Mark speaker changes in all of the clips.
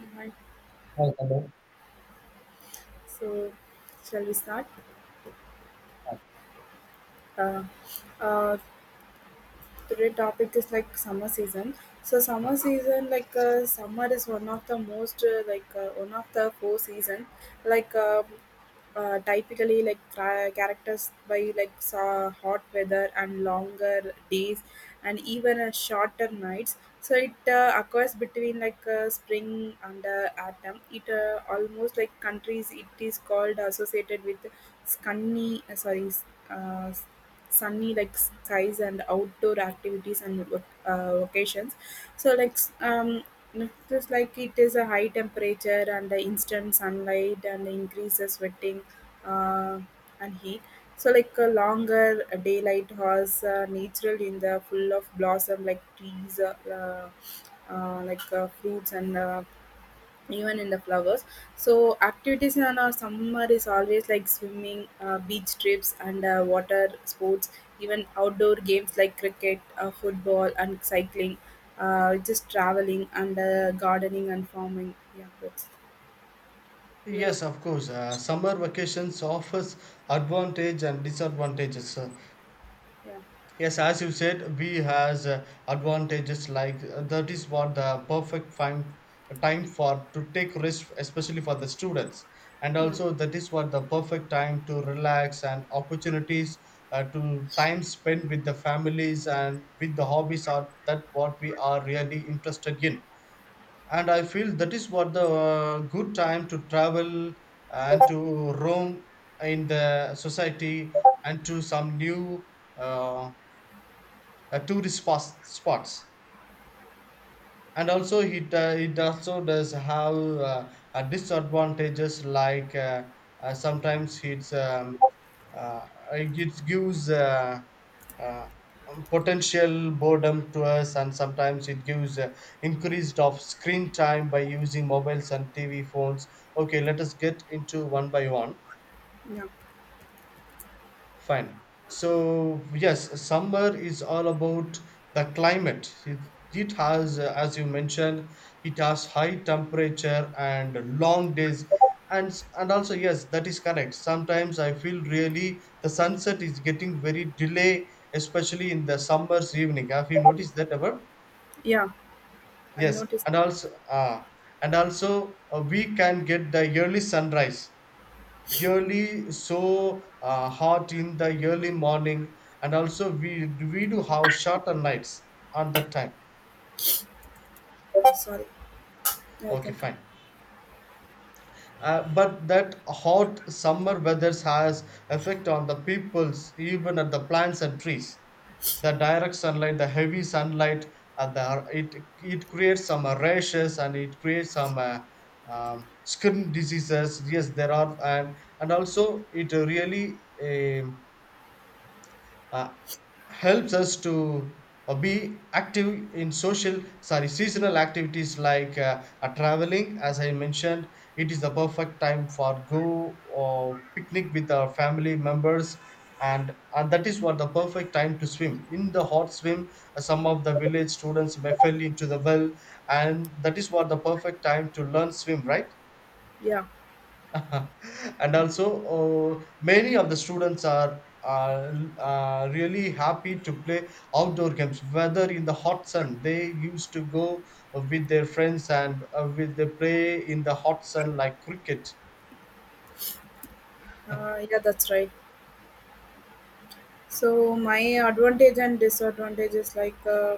Speaker 1: Alright,
Speaker 2: Hi, hello.
Speaker 1: so shall we start? Uh, uh, today topic is like summer season. So
Speaker 2: Uh,
Speaker 1: summer season, summer is one of the most one of the four season. Like um Typically, like characters by like sa hot weather and longer days, and even shorter nights. So it occurs between like spring and autumn. It almost like countries. It is called associated with sunny. Sorry. Uh, Sunny like skies and outdoor activities and vacations so like just like it is a high temperature and the instant sunlight and increases sweating uh, and heat. So like a longer daylight has natural in the full of blossom like trees fruits and even in the flowers. So activities in our summer is always like swimming, beach trips, and water sports, even outdoor games like cricket, football, and cycling, just traveling, and gardening and farming. Yeah that's europe.
Speaker 2: Yes of course. Summer vacations offers advantage and disadvantages. Uh,
Speaker 1: Yeah,
Speaker 2: yes, as you said, we has advantages like that is what the perfect time for to take rest, especially for the students, and
Speaker 1: yeah,
Speaker 2: also that is what the perfect time to relax and opportunities to time spent with the families and with the hobbies are that what we are really interested in, and I feel that is what the good time to travel and to roam in the society and to some new, uh, tourist spots. And also it also does have, disadvantages. Sometimes it gives, uh, potential boredom to us, and sometimes it gives increased of screen time by using mobiles and TV phones. Okay, let us get into one by one.
Speaker 1: yeah,
Speaker 2: Fine. So yes, summer is all about the climate. It has, as you mentioned, it has high temperature and long days, and and also yes, that is correct. Sometimes I feel really the sunset is getting very delay, especially in the summer's evening. Have you noticed that ever?
Speaker 1: yeah, I
Speaker 2: Yes,
Speaker 1: noticed.
Speaker 2: and also and also we can get the early sunrise, really so hot in the early morning. And also we do have shorter nights on that time.
Speaker 1: Sorry. Yeah, I
Speaker 2: Okay,
Speaker 1: can.
Speaker 2: fine. But that hot summer weather has effect on the peoples, even at the plants and trees. The direct sunlight, the heavy sunlight, it it creates some rashes, and it creates some, skin diseases. Yes, there are. And also it really, um, uh, helps us to be active in social, sorry, seasonal activities like, traveling, as I mentioned. It is the perfect time for go or picnic with our family members. And that is what the perfect time to swim in the hot swim. Some of the village students may fell into the well, and that is what the perfect time to learn swim, right?
Speaker 1: Yeah,
Speaker 2: And also many of the students are really happy to play outdoor games. Whether in the hot sun they used to go with their friends, and with they play in the hot sun like cricket.
Speaker 1: yeah, that's right. So my advantage and disadvantage is like uh,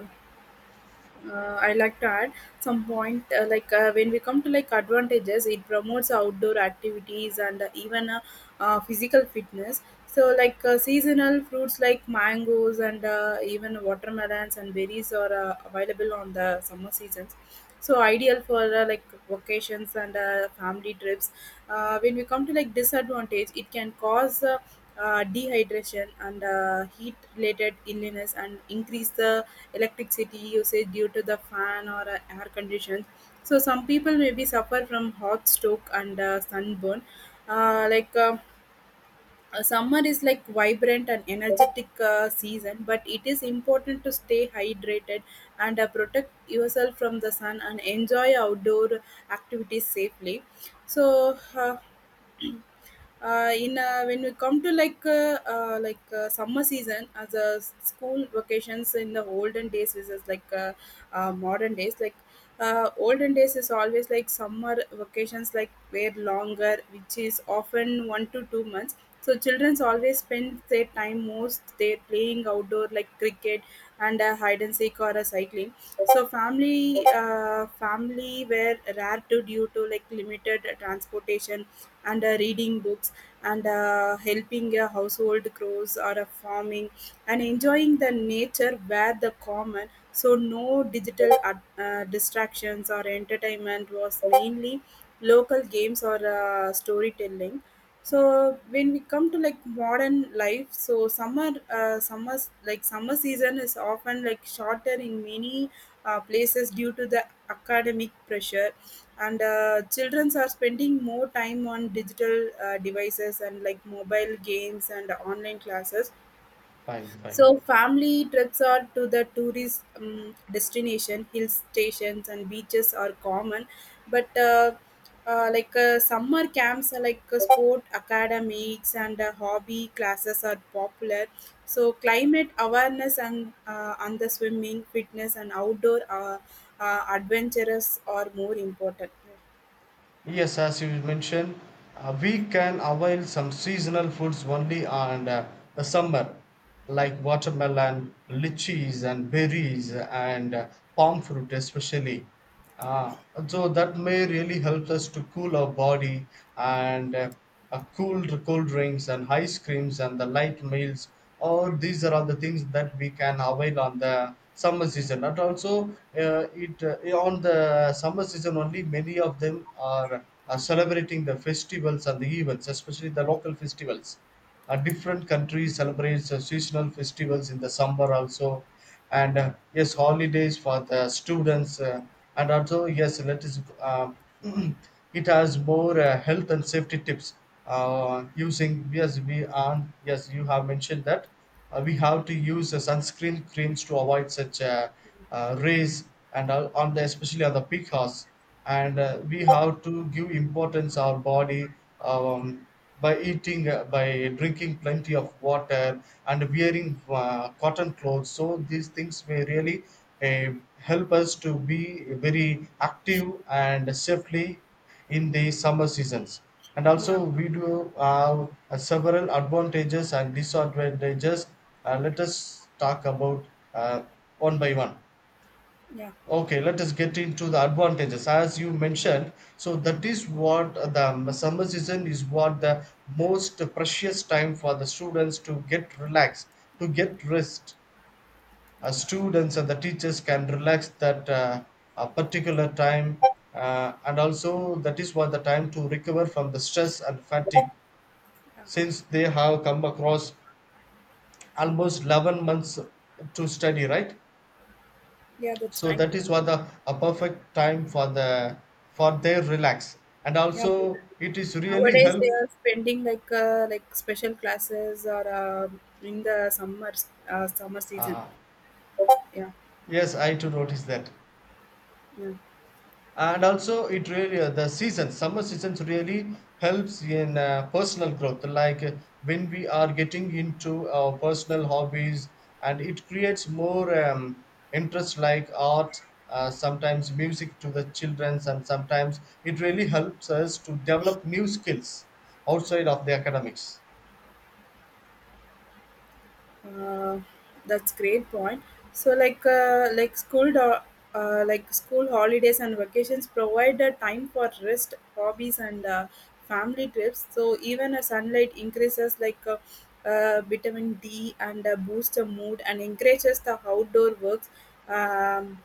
Speaker 1: uh, I like to add some point, when we come to like advantages, it promotes outdoor activities and even physical fitness. So seasonal fruits like mangoes and even watermelons and berries are available on the summer seasons, so ideal for vacations and family trips. When we come to like disadvantage, it can cause dehydration and heat related illness and increase the electricity usage due to the fan or air conditions. So some people maybe suffer from hot stroke and sunburn. uh, like uh, Summer is like vibrant and energetic season, but it is important to stay hydrated and protect yourself from the sun and enjoy outdoor activities safely. So, in when we come to like summer season as a school vacations in the olden days versus like modern days. Olden days is always like summer vacations like were longer, which is often 1 to 2 months. So childrens always spend their time most they playing outdoor like cricket and hide and seek or a cycling. So family were rare to due to like limited transportation and reading books and helping a household chores or a farming and enjoying the nature where the common. So no digital distractions or entertainment was mainly local games or storytelling. So when we come to like modern life, so summer season is often like shorter in many places due to the academic pressure and children are spending more time on digital devices and like mobile games and online classes.
Speaker 2: Fine, fine.
Speaker 1: So family trips are to the tourist destination hill stations and beaches are common. But summer camps, sport academics, and hobby classes are popular. So climate awareness and the swimming fitness and outdoor adventurous are more important.
Speaker 2: Yes, as you mentioned, we can avail some seasonal foods only on the summer, like watermelon, lychees, and berries, and palm fruit, especially. Uh, so that may really help us to cool our body, and cooled cold drinks and ice creams and the light meals, all these are all the things that we can avail on the summer season. And also it on the summer season only many of them are celebrating the festivals and the events, especially the local festivals. Different countries celebrates seasonal festivals in the summer also. And yes, holidays for the students. And also yes, let us, it has more health and safety tips. Using, yes we are, yes you have mentioned that we have to use sunscreen creams to avoid such, rays, and on the especially on the peak hours. And we have to give importance our body, um, by eating, by drinking plenty of water and wearing cotton clothes. So these things may really help us to be very active and safely in the summer seasons. And
Speaker 1: Yeah,
Speaker 2: also we do have several advantages and disadvantages. Let us talk about uh, one by one.
Speaker 1: yeah,
Speaker 2: Okay, let us get into the advantages. As you mentioned, so that is what the summer season is what the most precious time for the students to get relaxed, to get rest. Students and the teachers can relax that a particular time, and also that is what the time to recover from the stress and fatigue,
Speaker 1: yeah,
Speaker 2: since they have come across almost 11 months to study, right?
Speaker 1: yeah. That's
Speaker 2: So
Speaker 1: right.
Speaker 2: that is what the a perfect time for the for their relax, and
Speaker 1: Yeah, they-
Speaker 2: also it is really
Speaker 1: nowadays
Speaker 2: help.
Speaker 1: they are spending like special classes or in the summer season.
Speaker 2: uh,
Speaker 1: Yeah,
Speaker 2: yes, I too notice that.
Speaker 1: yeah.
Speaker 2: And also it really, the season summer seasons really helps in personal growth, like when we are getting into our personal hobbies. And it creates more, interest like art, sometimes music to the childrens, and sometimes it really helps us to develop new skills outside of the academics.
Speaker 1: Uh, that's great point. So like school holidays and vacations provide a time for rest, hobbies, and family trips. So even a sunlight increases vitamin D and boosts the mood and encourages the outdoor works. Um,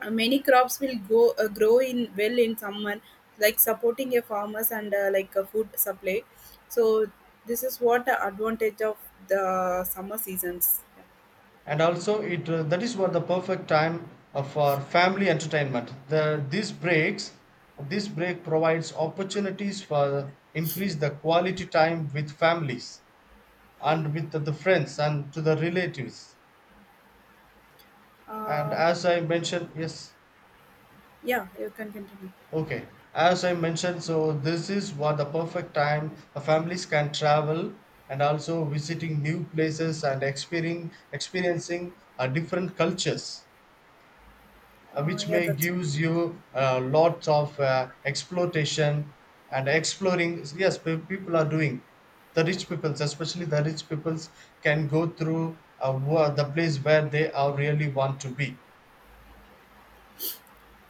Speaker 1: Many crops will go grow in well in summer like supporting a farmers and like a food supply. So this is what the advantage of the summer seasons.
Speaker 2: And also it that is what the perfect time for family entertainment, the these breaks, this break provides opportunities for increase the quality time with families
Speaker 1: Yeah,
Speaker 2: and with the friends and to the relatives. And
Speaker 1: uh,
Speaker 2: as I mentioned, yes.
Speaker 1: yeah, you can continue.
Speaker 2: Okay, as I mentioned, so this is what the perfect time the families can travel, and also visiting new places and experiencing different cultures,
Speaker 1: uh,
Speaker 2: which
Speaker 1: yeah
Speaker 2: may
Speaker 1: that's
Speaker 2: gives you lots of exploitation and exploring. Yes, people are doing, the rich peoples, especially the rich peoples, can go through, the place where they are really want to be.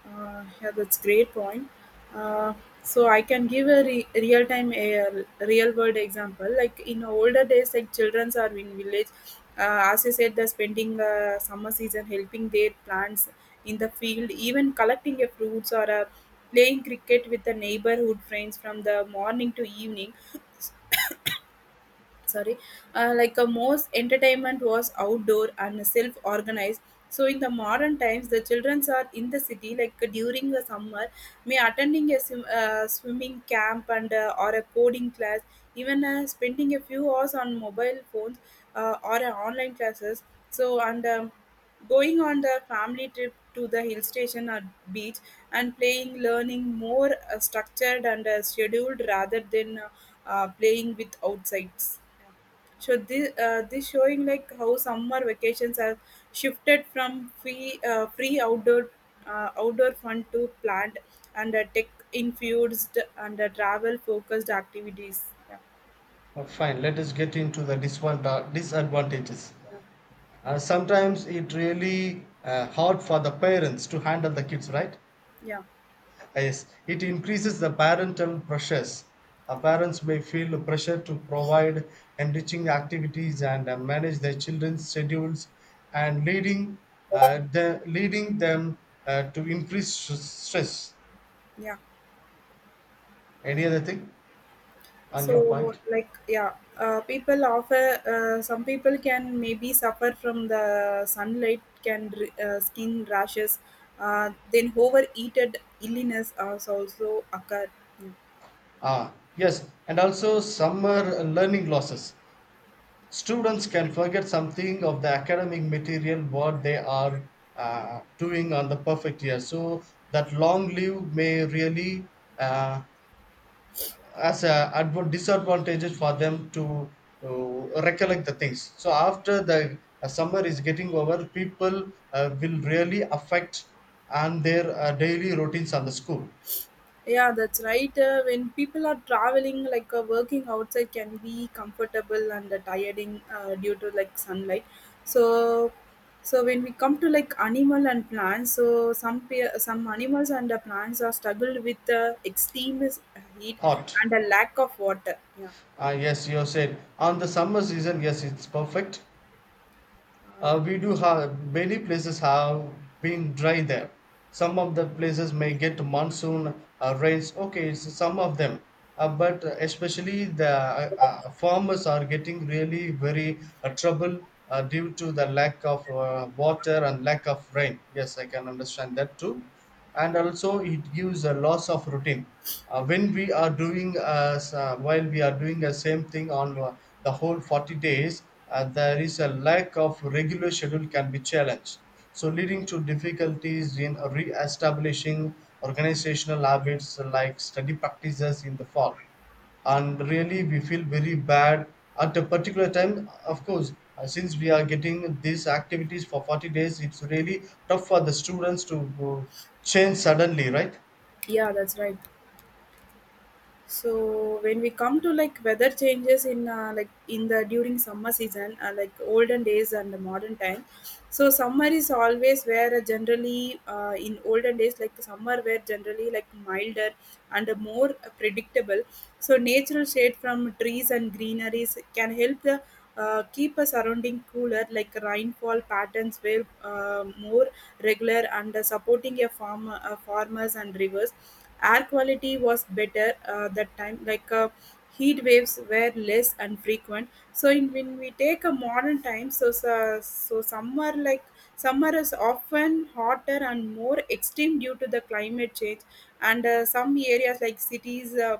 Speaker 1: Yeah, that's great point. Uh, so I can give a real time a real world example. Like in older days, like children are in village. As you said, they're spending summer season helping their plants in the field, even collecting a fruits or playing cricket with the neighborhood friends from the morning to evening. Sorry. Like a most entertainment was outdoor and self organized. So in the modern times the children are in the city like during the summer may attending a swimming camp and or a coding class, even spending a few hours on mobile phones or online classes. So and um, going on the family trip to the hill station or beach and playing learning more structured and scheduled rather than playing with outsides. So this showing like how summer vacations are shifted from free outdoor outdoor fun to planned and tech infused and travel focused activities. Yeah,
Speaker 2: Fine, let us get into the disadvantages. Sometimes it really hard for the parents to handle the kids, right?
Speaker 1: yeah,
Speaker 2: Yes, it increases the parental pressures. Parents may feel pressure to provide enriching activities, and manage their children's schedules, and leading, leading them to increase stress.
Speaker 1: yeah.
Speaker 2: Any
Speaker 1: Uh,
Speaker 2: other thing on
Speaker 1: so
Speaker 2: your point?
Speaker 1: like yeah, people offer some people can maybe suffer from the sunlight can skin rashes. Then overheated illness also occur.
Speaker 2: Ah, yes, and also summer learning losses. Students can forget something of the academic material what they are doing on the perfect year. So that long leave may really, uh, as a disadvantages for them to uh, recollect the things. So after the summer is getting over, people will really affect, and their daily routines on the school.
Speaker 1: Yeah, that's right. When people are traveling, like working outside can be comfortable and tiring due to like sunlight. So, so when we come to like animal and plants, so some animals and plants are struggled with extreme heat
Speaker 2: Hot.
Speaker 1: and a lack of water. Yeah,
Speaker 2: Ah yes, you said on the summer season, yes, it's perfect.
Speaker 1: yeah,
Speaker 2: We do have many places have been dry there. Some of the places may get monsoon rains. Okay, it's some of them, but especially the, farmers are getting really very trouble due to the lack of water and lack of rain. Yes, I can understand that too. And also it gives a loss of routine. When we are doing, while we are doing the same thing on the whole 40 days, there is a lack of regular schedule can be challenged, so leading to difficulties in re-establishing organizational habits like study practices in the fall. And really we feel very bad at a particular time, of course. Since we are getting these activities for 40 days, it's really tough for the students to uh, change suddenly, right?
Speaker 1: yeah, that's right. So when we come to like weather changes in in the during summer season, olden days and the modern time. So summer is always where generally in olden days like summer were generally like milder and more predictable. So natural shade from trees and greeneries can help the keep a surrounding cooler, like rainfall patterns were more regular and supporting a farm farmers and rivers. Air quality was better that time, heat waves were less and frequent. So in, when we take a modern time, so summer like summer is often hotter and more extreme due to the climate change, and some areas like cities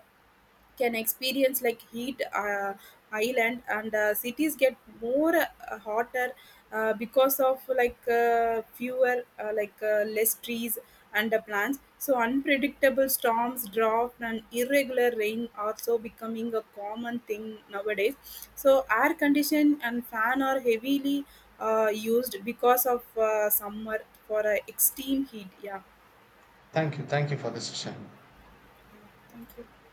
Speaker 1: can experience like heat island, and cities get more hotter because of like fewer like less trees and plants. So unpredictable storms, drought, and irregular rain are so becoming a common thing nowadays. So air condition and fan are heavily used because of summer for extreme heat. Yeah,
Speaker 2: Thank you, thank you for the session.
Speaker 1: thank you.